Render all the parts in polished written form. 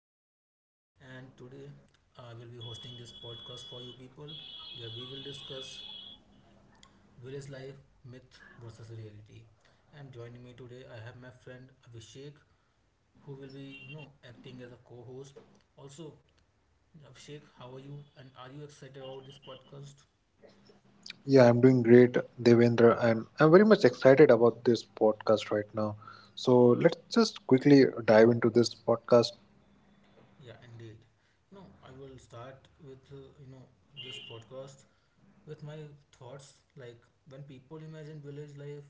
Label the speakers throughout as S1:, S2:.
S1: Devendra again, and today I will be hosting this podcast for you people where we will discuss village life, myth versus reality. And joining me today, I have my friend Abhishek, who will be acting as a co host. Also, Abhishek, how are you? And are you excited about this podcast?
S2: Yeah, I'm doing great, Devendra, and I'm very much excited about this podcast right now. So let's just quickly dive into this podcast.
S1: Yeah, indeed. I will start with this podcast with my thoughts like when people imagine village life,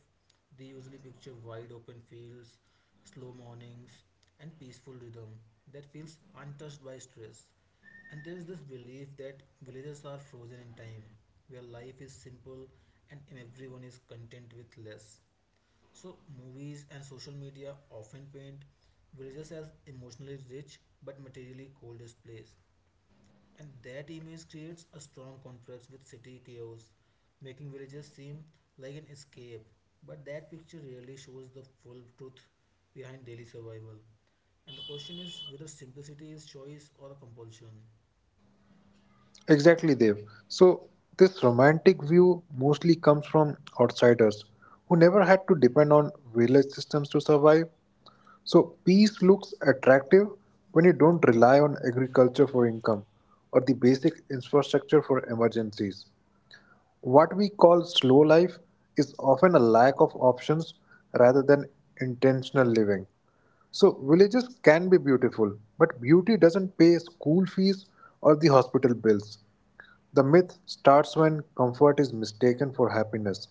S1: they usually picture wide open fields, slow mornings, and peaceful rhythm that feels untouched by stress. And there is this belief that villages are frozen in time, where life is simple and everyone is content with less. So movies and social media often paint villages as emotionally rich but materially coldest place, and that image creates a strong contrast with city chaos, making villages seem like an escape. But that picture rarely shows the full truth behind daily survival. And the question is whether simplicity is choice or a compulsion.
S2: Exactly, Dev. So this romantic view mostly comes from outsiders who never had to depend on village systems to survive. So peace looks attractive when you don't rely on agriculture for income or the basic infrastructure for emergencies. What we call slow life is often a lack of options rather than intentional living. So, villages can be beautiful, but beauty doesn't pay school fees or the hospital bills. The myth starts when comfort is mistaken for happiness,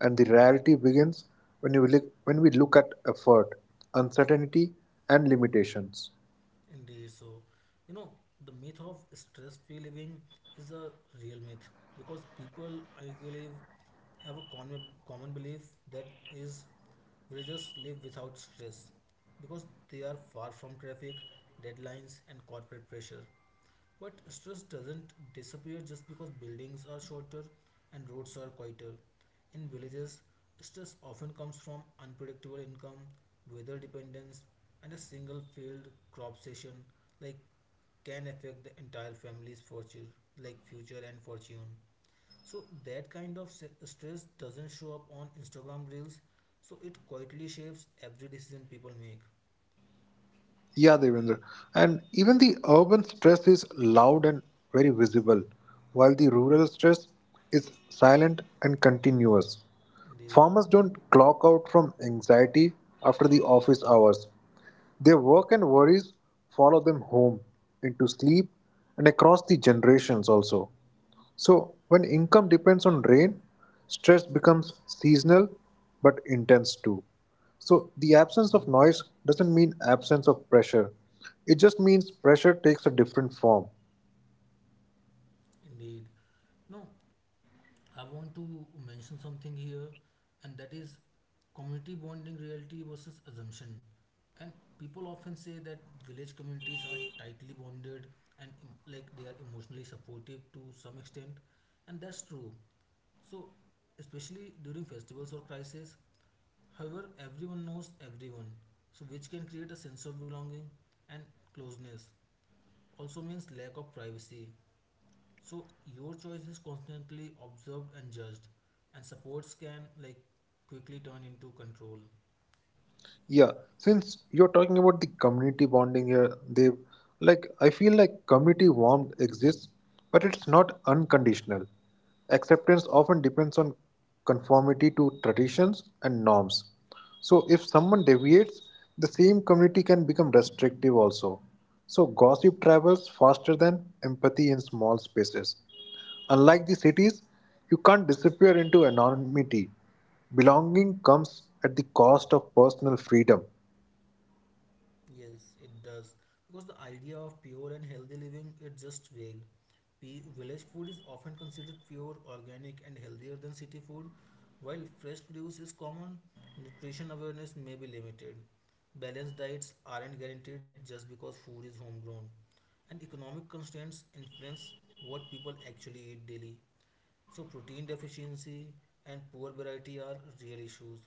S2: and the reality begins when we look at effort, uncertainty, and limitations.
S1: Indeed. So you know, the myth of stress free living is a real myth because people, I believe, have a common belief, that is, villagers live without stress because they are far from traffic, deadlines, and corporate pressure. But stress doesn't disappear just because buildings are shorter and roads are quieter. In villages, stress often comes from unpredictable income, weather dependence, and a single failed crop session like can affect the entire family's fortune, like future and fortune. So that kind of stress doesn't show up on Instagram reels. So it quietly shapes every decision people make.
S2: Yeah, Devendra. And even the urban stress is loud and very visible, while the rural stress is silent and continuous.
S1: Indeed,
S2: Farmers don't clock out from anxiety after the office hours. Their work and worries follow them home, into sleep, and across the generations also. So, when income depends on rain, stress becomes seasonal but intense too. So, the absence of noise doesn't mean absence of pressure, it just means pressure takes a different form.
S1: indeed. Now, I want to mention something here, and that is community bonding reality versus assumption. And people often say that village communities are tightly bonded and like they are emotionally supportive to some extent, and that's true. So, especially during festivals or crises, however, everyone knows everyone, so which can create a sense of belonging and closeness. Also means lack of privacy. So your choice is constantly observed and judged, and supports can like quickly turn into control.
S2: Yeah, since you're talking about the community bonding here, they like I feel like community warmth exists, but it's not unconditional. Acceptance often depends on conformity to traditions and norms. So if someone deviates, the same community can become restrictive also. So gossip travels faster than empathy in small spaces. Unlike the cities, you can't disappear into anonymity. Belonging comes at the cost of personal freedom.
S1: Yes, it does. Because the idea of pure and healthy living is just vague. Village food is often considered pure, organic, and healthier than city food. While fresh produce is common, nutrition awareness may be limited. Balanced diets aren't guaranteed just because food is homegrown, and economic constraints influence what people actually eat daily. So, protein deficiency and poor variety are real issues.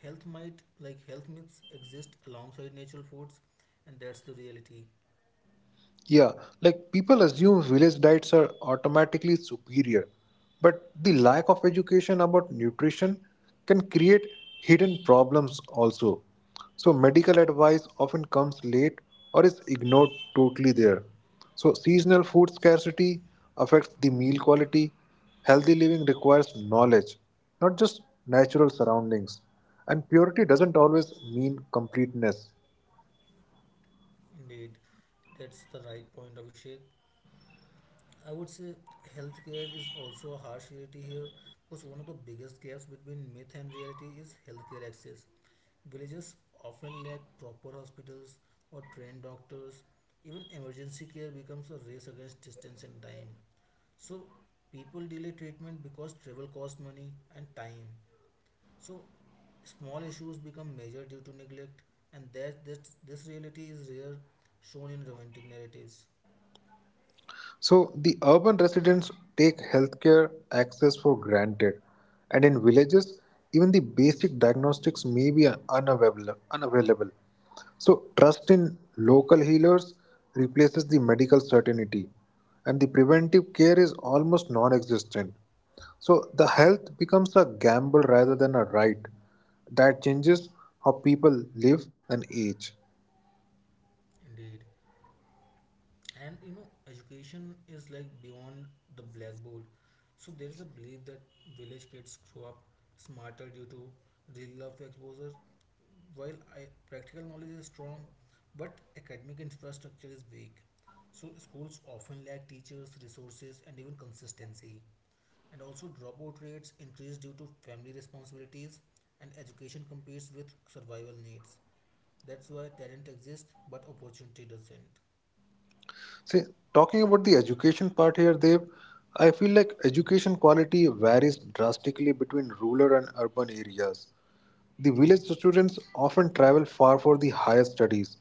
S1: Health might, like health myths, exist alongside natural foods, and that's the reality.
S2: Yeah, like people assume village diets are automatically superior, but the lack of education about nutrition can create hidden problems also. So, medical advice often comes late or is ignored totally there. So, seasonal food scarcity affects the meal quality. Healthy living requires knowledge, not just natural surroundings. And purity doesn't always mean completeness.
S1: Indeed, that's the right point, Abhishek. I would say healthcare is also a harsh reality here because one of the biggest gaps between myth and reality is healthcare access. Villages often lack proper hospitals or trained doctors. Even emergency care becomes a race against distance and time. So people delay treatment because travel costs money and time. So small issues become major due to neglect, and that this reality is rare shown in romantic narratives.
S2: So the urban residents take healthcare access for granted, and in villages, even the basic diagnostics may be unavailable. So trust in local healers replaces the medical certainty, and the preventive care is almost non existent. So the health becomes a gamble rather than a right. That changes how people live and age.
S1: Indeed. And you know education is like beyond the blackboard. So there is a belief that village kids grow up smarter due to real life exposure. While practical knowledge is strong but academic infrastructure is weak, so schools often lack teachers resources and even consistency. And also dropout rates increase due to family responsibilities, and education competes with survival needs. That's why talent exists but opportunity doesn't.
S2: See, talking about the education part here, Dev, I feel like education quality varies drastically between rural and urban areas. The village students often travel far for the higher studies,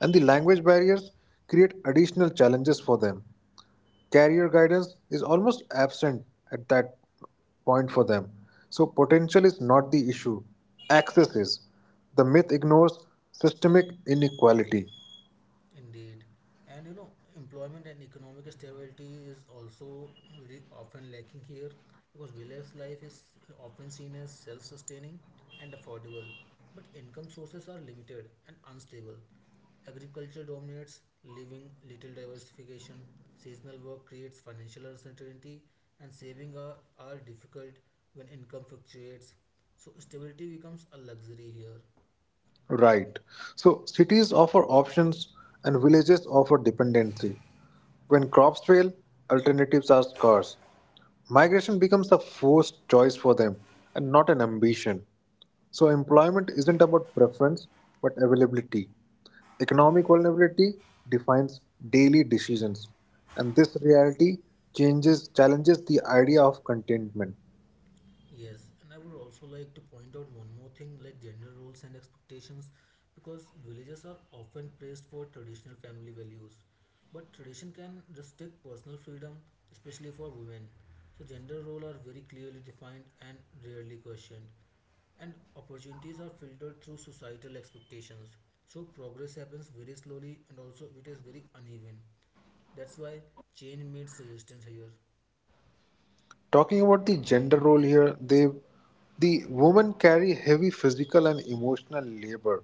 S2: and the language barriers create additional challenges for them. Career guidance is almost absent at that point for them. So, potential is not the issue, access is. The myth ignores systemic inequality.
S1: Indeed. And you know, employment and economic stability is also very often lacking here because village life is often seen as self sustaining and affordable, but income sources are limited and unstable. Agriculture dominates, leaving little diversification. Seasonal work creates financial uncertainty, and saving are difficult when income fluctuates. So, stability becomes a luxury here.
S2: Right. So cities offer options and villages offer dependency. When crops fail, alternatives are scarce. Migration becomes a forced choice for them and not an ambition. So employment isn't about preference but availability. Economic vulnerability defines daily decisions, and this reality changes challenges the idea of contentment.
S1: Yes, and I would also like to point out one more thing, like gender roles and expectations, because villages are often praised for traditional family values. But tradition can restrict personal freedom, especially for women. So, gender roles are very clearly defined and rarely questioned, and opportunities are filtered through societal expectations. So, progress happens very slowly and also it is very uneven. That's why change meets resistance here.
S2: Talking about the gender role here, the women carry heavy physical and emotional labor,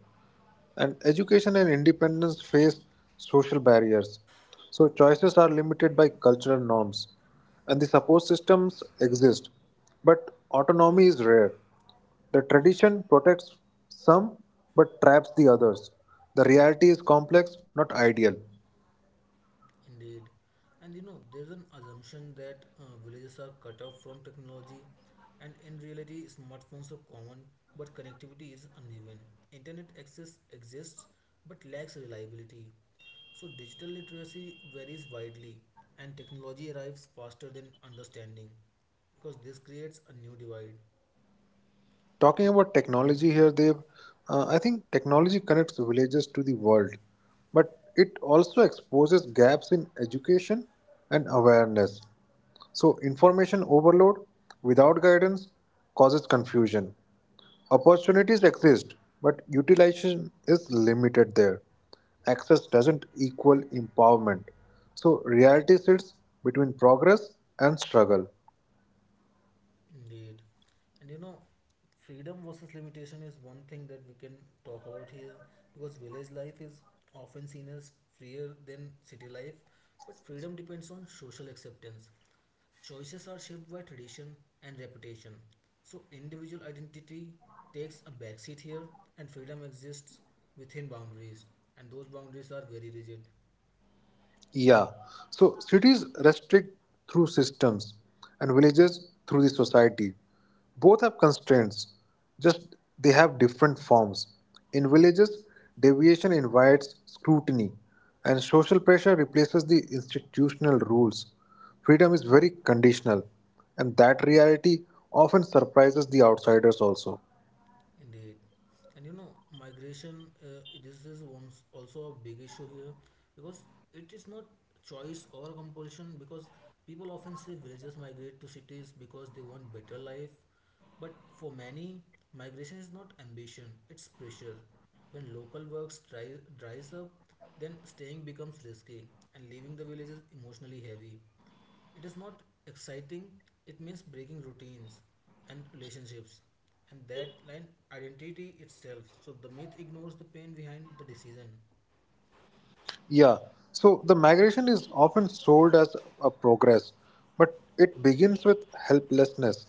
S2: and education and independence face social barriers. So choices are limited by cultural norms, and the support systems exist, but autonomy is rare. The tradition protects some but traps the others. The reality is complex, not ideal.
S1: Indeed. And you know, there's an assumption that villages are cut off from technology, and in reality, smartphones are common, but connectivity is uneven. Internet access exists but lacks reliability. So, digital literacy varies widely, and technology arrives faster than understanding, because this creates a new divide.
S2: Talking about technology here, Dev, I think technology connects villages to the world, but it also exposes gaps in education and awareness. So, information overload without guidance causes confusion. Opportunities exist, but utilization is limited there. Access doesn't equal empowerment. So, reality sits between progress and struggle.
S1: Indeed. And you know, freedom versus limitation is one thing that we can talk about here, because village life is often seen as freer than city life, but freedom depends on social acceptance. Choices are shaped by tradition and reputation. So, individual identity takes a backseat here, and freedom exists within boundaries, and those boundaries are very rigid.
S2: Yeah. So cities restrict through systems and villages through the society. Both have constraints, just they have different forms. In villages, deviation invites scrutiny and social pressure replaces the institutional rules. Freedom is very conditional, and that reality often surprises the outsiders also.
S1: Indeed. And you know migration, this is one also a big issue here, because it is not choice or compulsion, because people often say villagers migrate to cities because they want better life, but for many, migration is not ambition, it's pressure. When local works dries up, then staying becomes risky, and leaving the village is emotionally heavy. It is not exciting, it means breaking routines and relationships, and that line identity itself. So the myth ignores the pain behind the decision.
S2: Yeah, so the migration is often sold as a progress, but it begins with helplessness.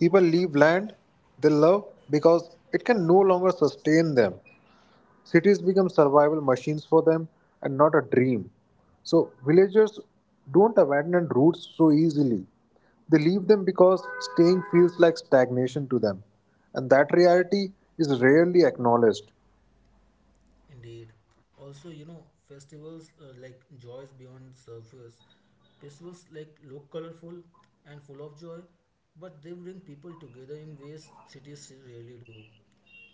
S2: People leave land they love because it can no longer sustain them. Cities become survival machines for them and not a dream. So, villagers don't abandon roots so easily. They leave them because staying feels like stagnation to them, and that reality is rarely acknowledged.
S1: Indeed. Also, you know, festivals, like joys beyond surface. Festivals like look colorful and full of joy, but they bring people together in ways cities rarely do.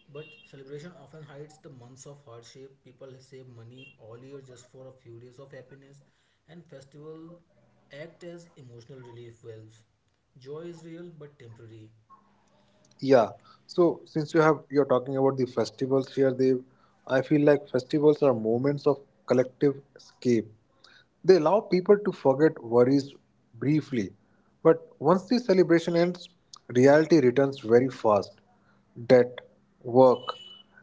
S1: But celebration often hides the months of hardship. People save money all year just for a few days of happiness, and festival act as emotional relief valves. Joy is real but temporary.
S2: Yeah. So since you're talking about the festivals here, Dev, I feel like festivals are moments of collective escape. They allow people to forget worries briefly, but once the celebration ends, reality returns very fast. Debt, work,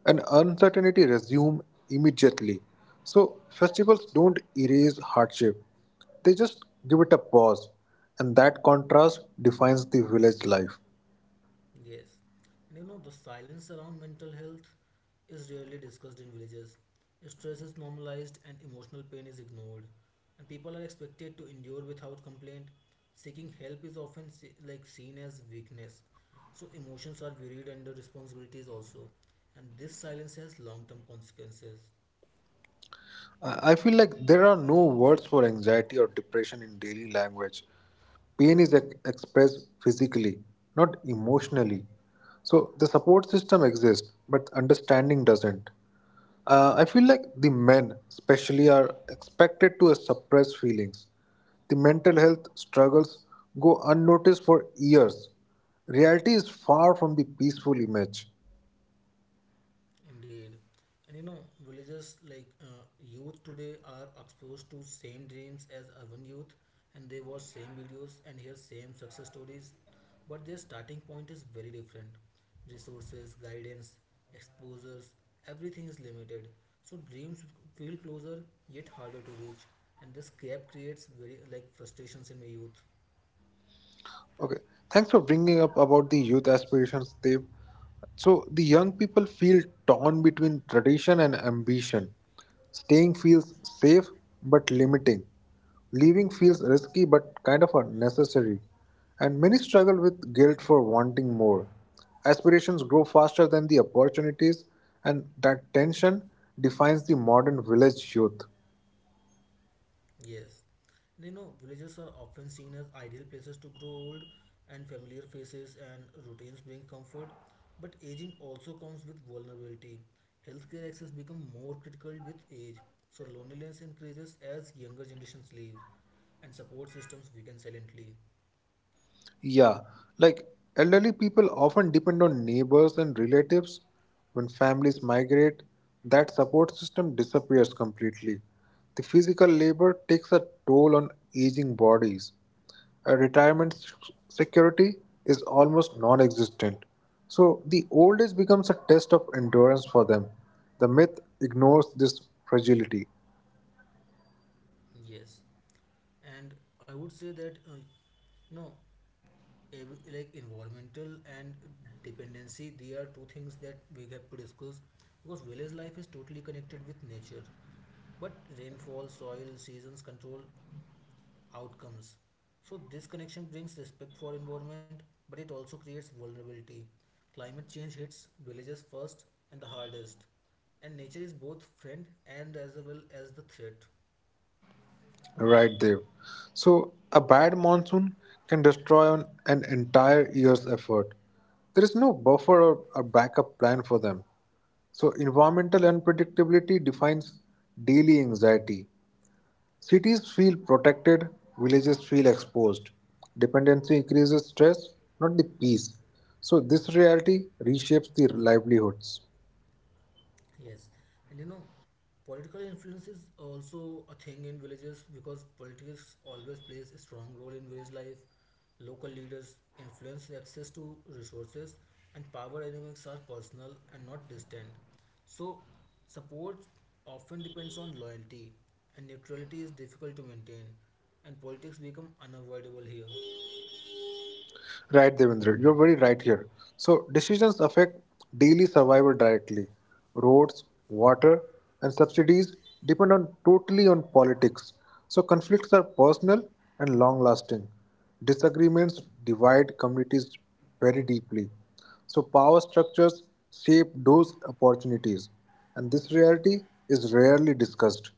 S2: and uncertainty resume immediately. So festivals don't erase hardship; they just give it a pause, and that contrast defines the village life.
S1: Yes, and you know the silence around mental health is rarely discussed in villages. Stress is normalized and emotional pain is ignored, and people are expected to endure without complaint. Seeking help is often like seen as weakness, so emotions are buried under responsibilities also, and this silence has long-term consequences.
S2: I feel like there are no words for anxiety or depression in daily language. Pain is expressed physically, not emotionally. So the support system exists, but understanding doesn't. I feel like the men, especially, are expected to suppress feelings. The mental health struggles go unnoticed for years. Reality is far from the peaceful image.
S1: Indeed. And you know, villages like, youth today are exposed to same dreams as urban youth, and they watch same videos and hear same success stories, but their starting point is very different. Resources, guidance, exposures, everything is limited. So dreams feel closer yet harder to reach, and this gap creates very like frustrations in the youth.
S2: Okay, thanks for bringing up about the youth aspirations, Dev. So the young people feel torn between tradition and ambition. Staying feels safe but limiting. Leaving feels risky but kind of unnecessary. And many struggle with guilt for wanting more. Aspirations grow faster than the opportunities, and that tension defines the modern village youth.
S1: Yes. You know, villages are often seen as ideal places to grow old, and familiar faces and routines bring comfort. But aging also comes with vulnerability. Healthcare access becomes more critical with age, so loneliness increases as younger generations leave, and support systems weaken silently.
S2: Yeah, like elderly people often depend on neighbors and relatives. When families migrate, that support system disappears completely. The physical labor takes a toll on aging bodies. A security is almost non existent. So, the old age becomes a test of endurance for them. The myth ignores this fragility.
S1: Yes, and I would say that you like environmental and dependency, they are two things that we have to discuss, because village life is totally connected with nature, but rainfall soil seasons control outcomes. So this connection brings respect for environment, but it also creates vulnerability. Climate change hits villages first and the hardest, and nature is both friend and as well as the threat.
S2: Right, Dev. So, a bad monsoon can destroy on an entire year's effort. There is no buffer or a backup plan for them. So, environmental unpredictability defines daily anxiety. Cities feel protected, villages feel exposed. Dependency increases stress, not the peace. So, this reality reshapes the livelihoods.
S1: Yes, and you know, political influence is also a thing in villages, because politics always plays a strong role in village life. Local leaders influence the access to resources, and power dynamics are personal and not distant. So, support often depends on loyalty, and neutrality is difficult to maintain, and politics become unavoidable here.
S2: Right, Devendra, you're very right here. So, decisions affect daily survival directly. Roads, water, and subsidies depend on totally on politics. So, conflicts are personal and long-lasting. Disagreements divide communities very deeply. So, power structures shape those opportunities, and this reality is rarely discussed.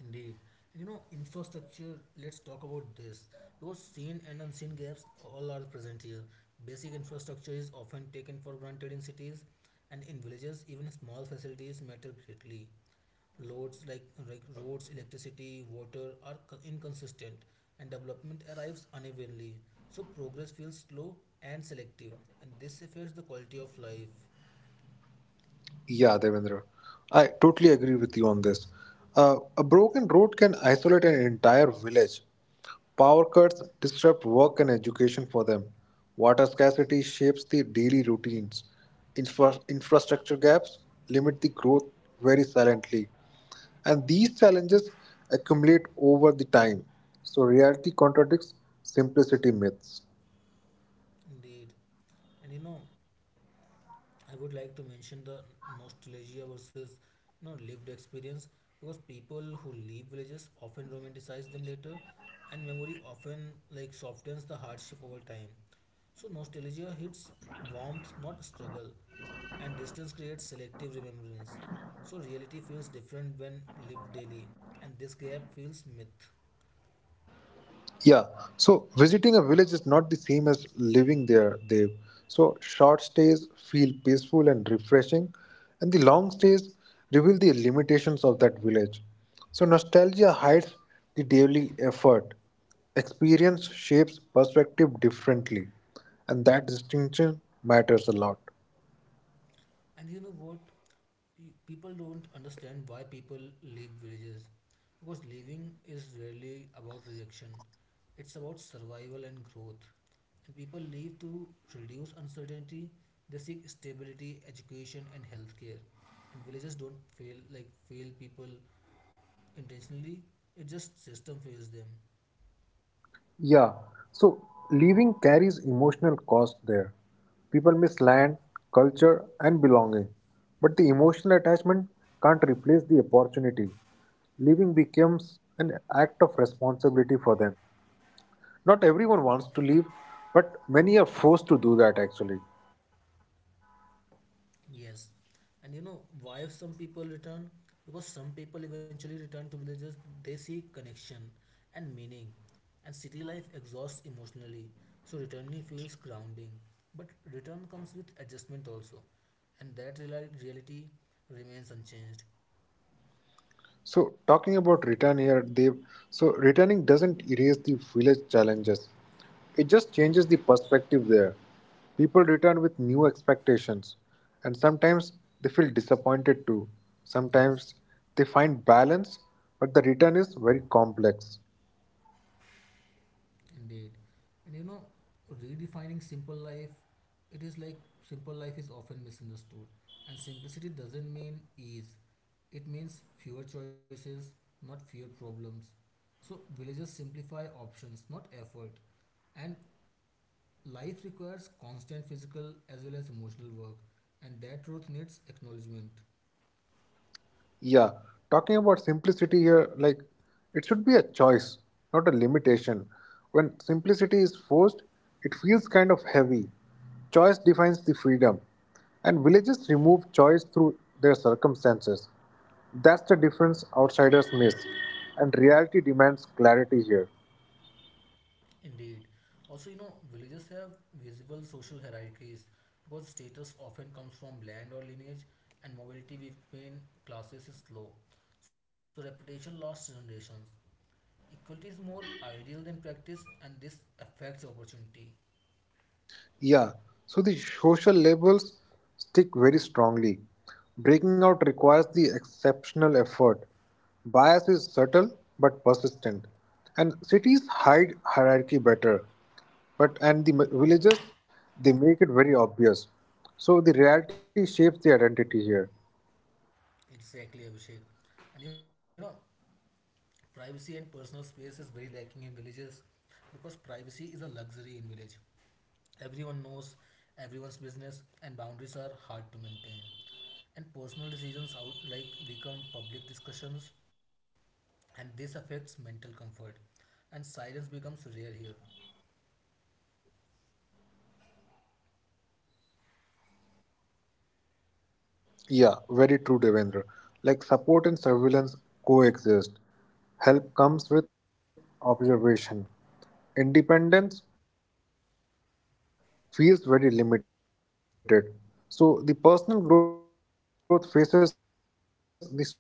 S1: Indeed. And you know, infrastructure, let's talk about this. Those seen and unseen gaps all are present here. Basic infrastructure is often taken for granted in cities, and in villages, even small facilities matter greatly. Loads like roads, electricity, water are inconsistent, and development arrives unevenly. So progress feels slow and selective, and this affects the quality of life.
S2: Yeah, Devendra, I totally agree with you on this. A broken road can isolate an entire village. Power cuts disrupt work and education for them. Water scarcity shapes their daily routines. Infrastructure gaps limit the growth very silently. And these challenges accumulate over the time. So reality contradicts simplicity myths.
S1: Indeed. And you know, I would like to mention the nostalgia versus lived experience, because people who leave villages often romanticize them later, and memory often like softens the hardship over time. So nostalgia hits warmth, not struggle, and distance creates selective remembrance. So reality feels different when lived daily, and this gap feels myth.
S2: Yeah. So visiting a village is not the same as living there, Dev. So short stays feel peaceful and refreshing, and the long stays reveal the limitations of that village. So nostalgia hides the daily effort. Experience shapes perspective differently, and that distinction matters a lot.
S1: And you know what? The people don't understand why people leave villages. Because leaving is rarely about rejection, it's about survival and growth. And people leave to reduce uncertainty, they seek stability, education, and healthcare. And villages don't fail, like fail people intentionally, it just system fails them.
S2: Yeah, so leaving carries emotional cost there. People miss land, culture, and belonging, but the emotional attachment can't replace the opportunity. Leaving becomes an act of responsibility for them. Not everyone wants to leave, but many are forced to do that actually.
S1: Yes, and you know why some people return? Because some people eventually return to villages, they seek connection and meaning, and city life exhausts emotionally, so returning feels grounding. But return comes with adjustment also, and that reality remains unchanged.
S2: So talking about return here, Dev, so returning doesn't erase the village challenges. It just changes the perspective there. People return with new expectations and sometimes they feel disappointed too.
S1: Yes,
S2: Sometimes they find balance, but the return is very complex.
S1: indeed. And you know, redefining simple life, it is like simple life is often misunderstood, and simplicity doesn't mean ease. It means fewer choices, not fewer problems. So villagers simplify options, not effort. And life requires constant physical as well as emotional work, and that truth needs acknowledgement.
S2: Yeah, talking about simplicity here, like it should be a choice, not a limitation. When simplicity is forced, it feels kind of heavy. Choice defines the freedom, and villages remove choice through their circumstances. That's the difference outsiders miss, and reality demands clarity here.
S1: Indeed. Also, you know, villages have visible social hierarchies, because status often comes from land or lineage, and mobility between classes is slow. So, reputation lasts generations. Equality is more ideal than practice, and this affects opportunity.
S2: Yeah, so the social labels stick very strongly. Breaking out requires the exceptional effort. Bias is subtle but persistent, and cities hide hierarchy better. But and the villages they make it very obvious. So the reality shapes the identity here.
S1: Exactly, Abhishek. And you know, privacy and personal space is very lacking in villages, because privacy is a luxury in village. Everyone knows everyone's business and boundaries are hard to maintain. And personal decisions out like become public discussions, and this affects mental comfort, and silence becomes rare here.
S2: Yeah, very true, Devendra. Like support and surveillance coexist. Help comes with observation. Independence feels very limited. So the personal growth faces the social resistance, and privacy defines the freedom. And we know that villages challenges that.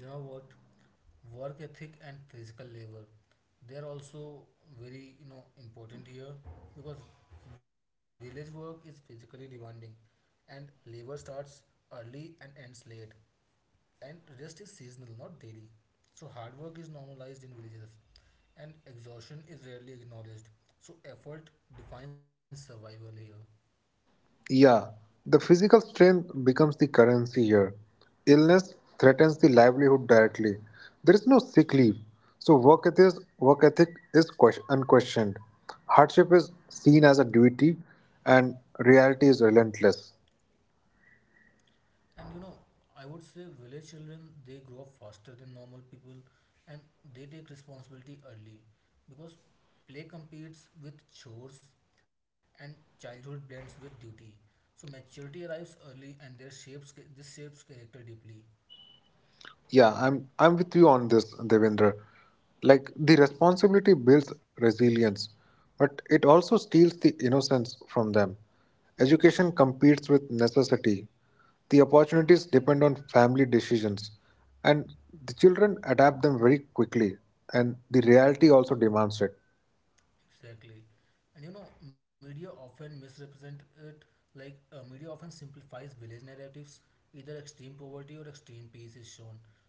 S1: You know what? Work ethic and physical labor. They are also very important here, because village work is physically demanding, and labor starts early and ends late, and rest is seasonal, not daily. So hard work is normalized in villages, and exhaustion is rarely acknowledged. So effort defines survival here.
S2: Yeah, the physical strength becomes the currency here. Illness threatens the livelihood directly. There is no sick leave, so work ethic is unquestioned. Hardship is seen as a duty, and reality is relentless.
S1: And you know, I would say village children they grow up faster than normal people, and they take responsibility early, because play competes with chores and childhood blends with duty. So maturity arrives early and their shapes this shapes character deeply.
S2: Yeah, I'm with you on this, Devendra. Like the responsibility builds resilience, but it also steals the innocence from them. Education competes with necessity. The opportunities depend on family decisions, and the children adapt them very quickly, and the reality also demands it.
S1: Exactly. And you know, media often misrepresent it like, media often simplifies village narratives. Either extreme poverty or extreme peace is shown,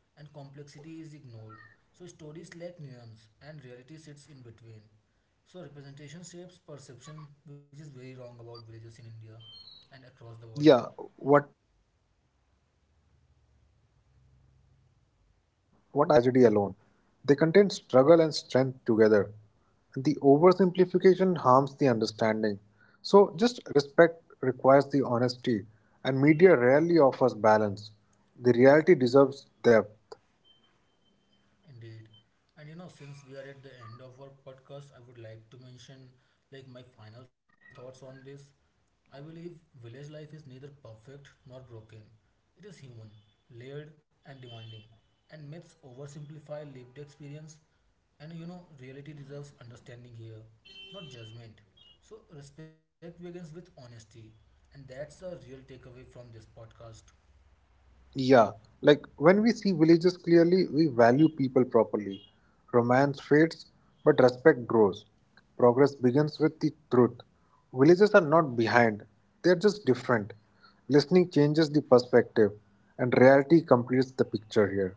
S1: and complexity is ignored. So stories lack nuance, and reality sits in between. So representation shapes perception, which is very wrong about villages in India and across the world.
S2: Yeah, what I feel is like villages are neither paradise nor tragedy alone. They contain struggle and strength together, and the oversimplification harms the understanding. So just respect requires the honesty, and media rarely offers balance. The reality deserves depth.
S1: Indeed. And you know, since we are at the end of our podcast, I would like to mention like my final thoughts on this. I believe village life is neither perfect nor broken. It is human, layered and demanding. And myths oversimplify lived experience, and you know reality deserves understanding here, not judgment. So respect begins with honesty, and that's a real takeaway from this podcast.
S2: Yeah, like when we see villages clearly, we value people properly. Romance fades, but respect grows. Progress begins with the truth. Villages are not behind, they are just different. Listening changes the perspective, and reality completes the picture here.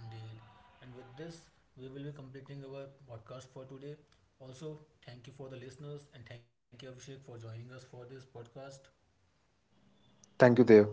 S1: Indeed. And with this, we will be completing our podcast for today. Also, thank you for the listeners, and thank you, Abhishek, for joining us for this podcast.
S2: Thank you, Dev.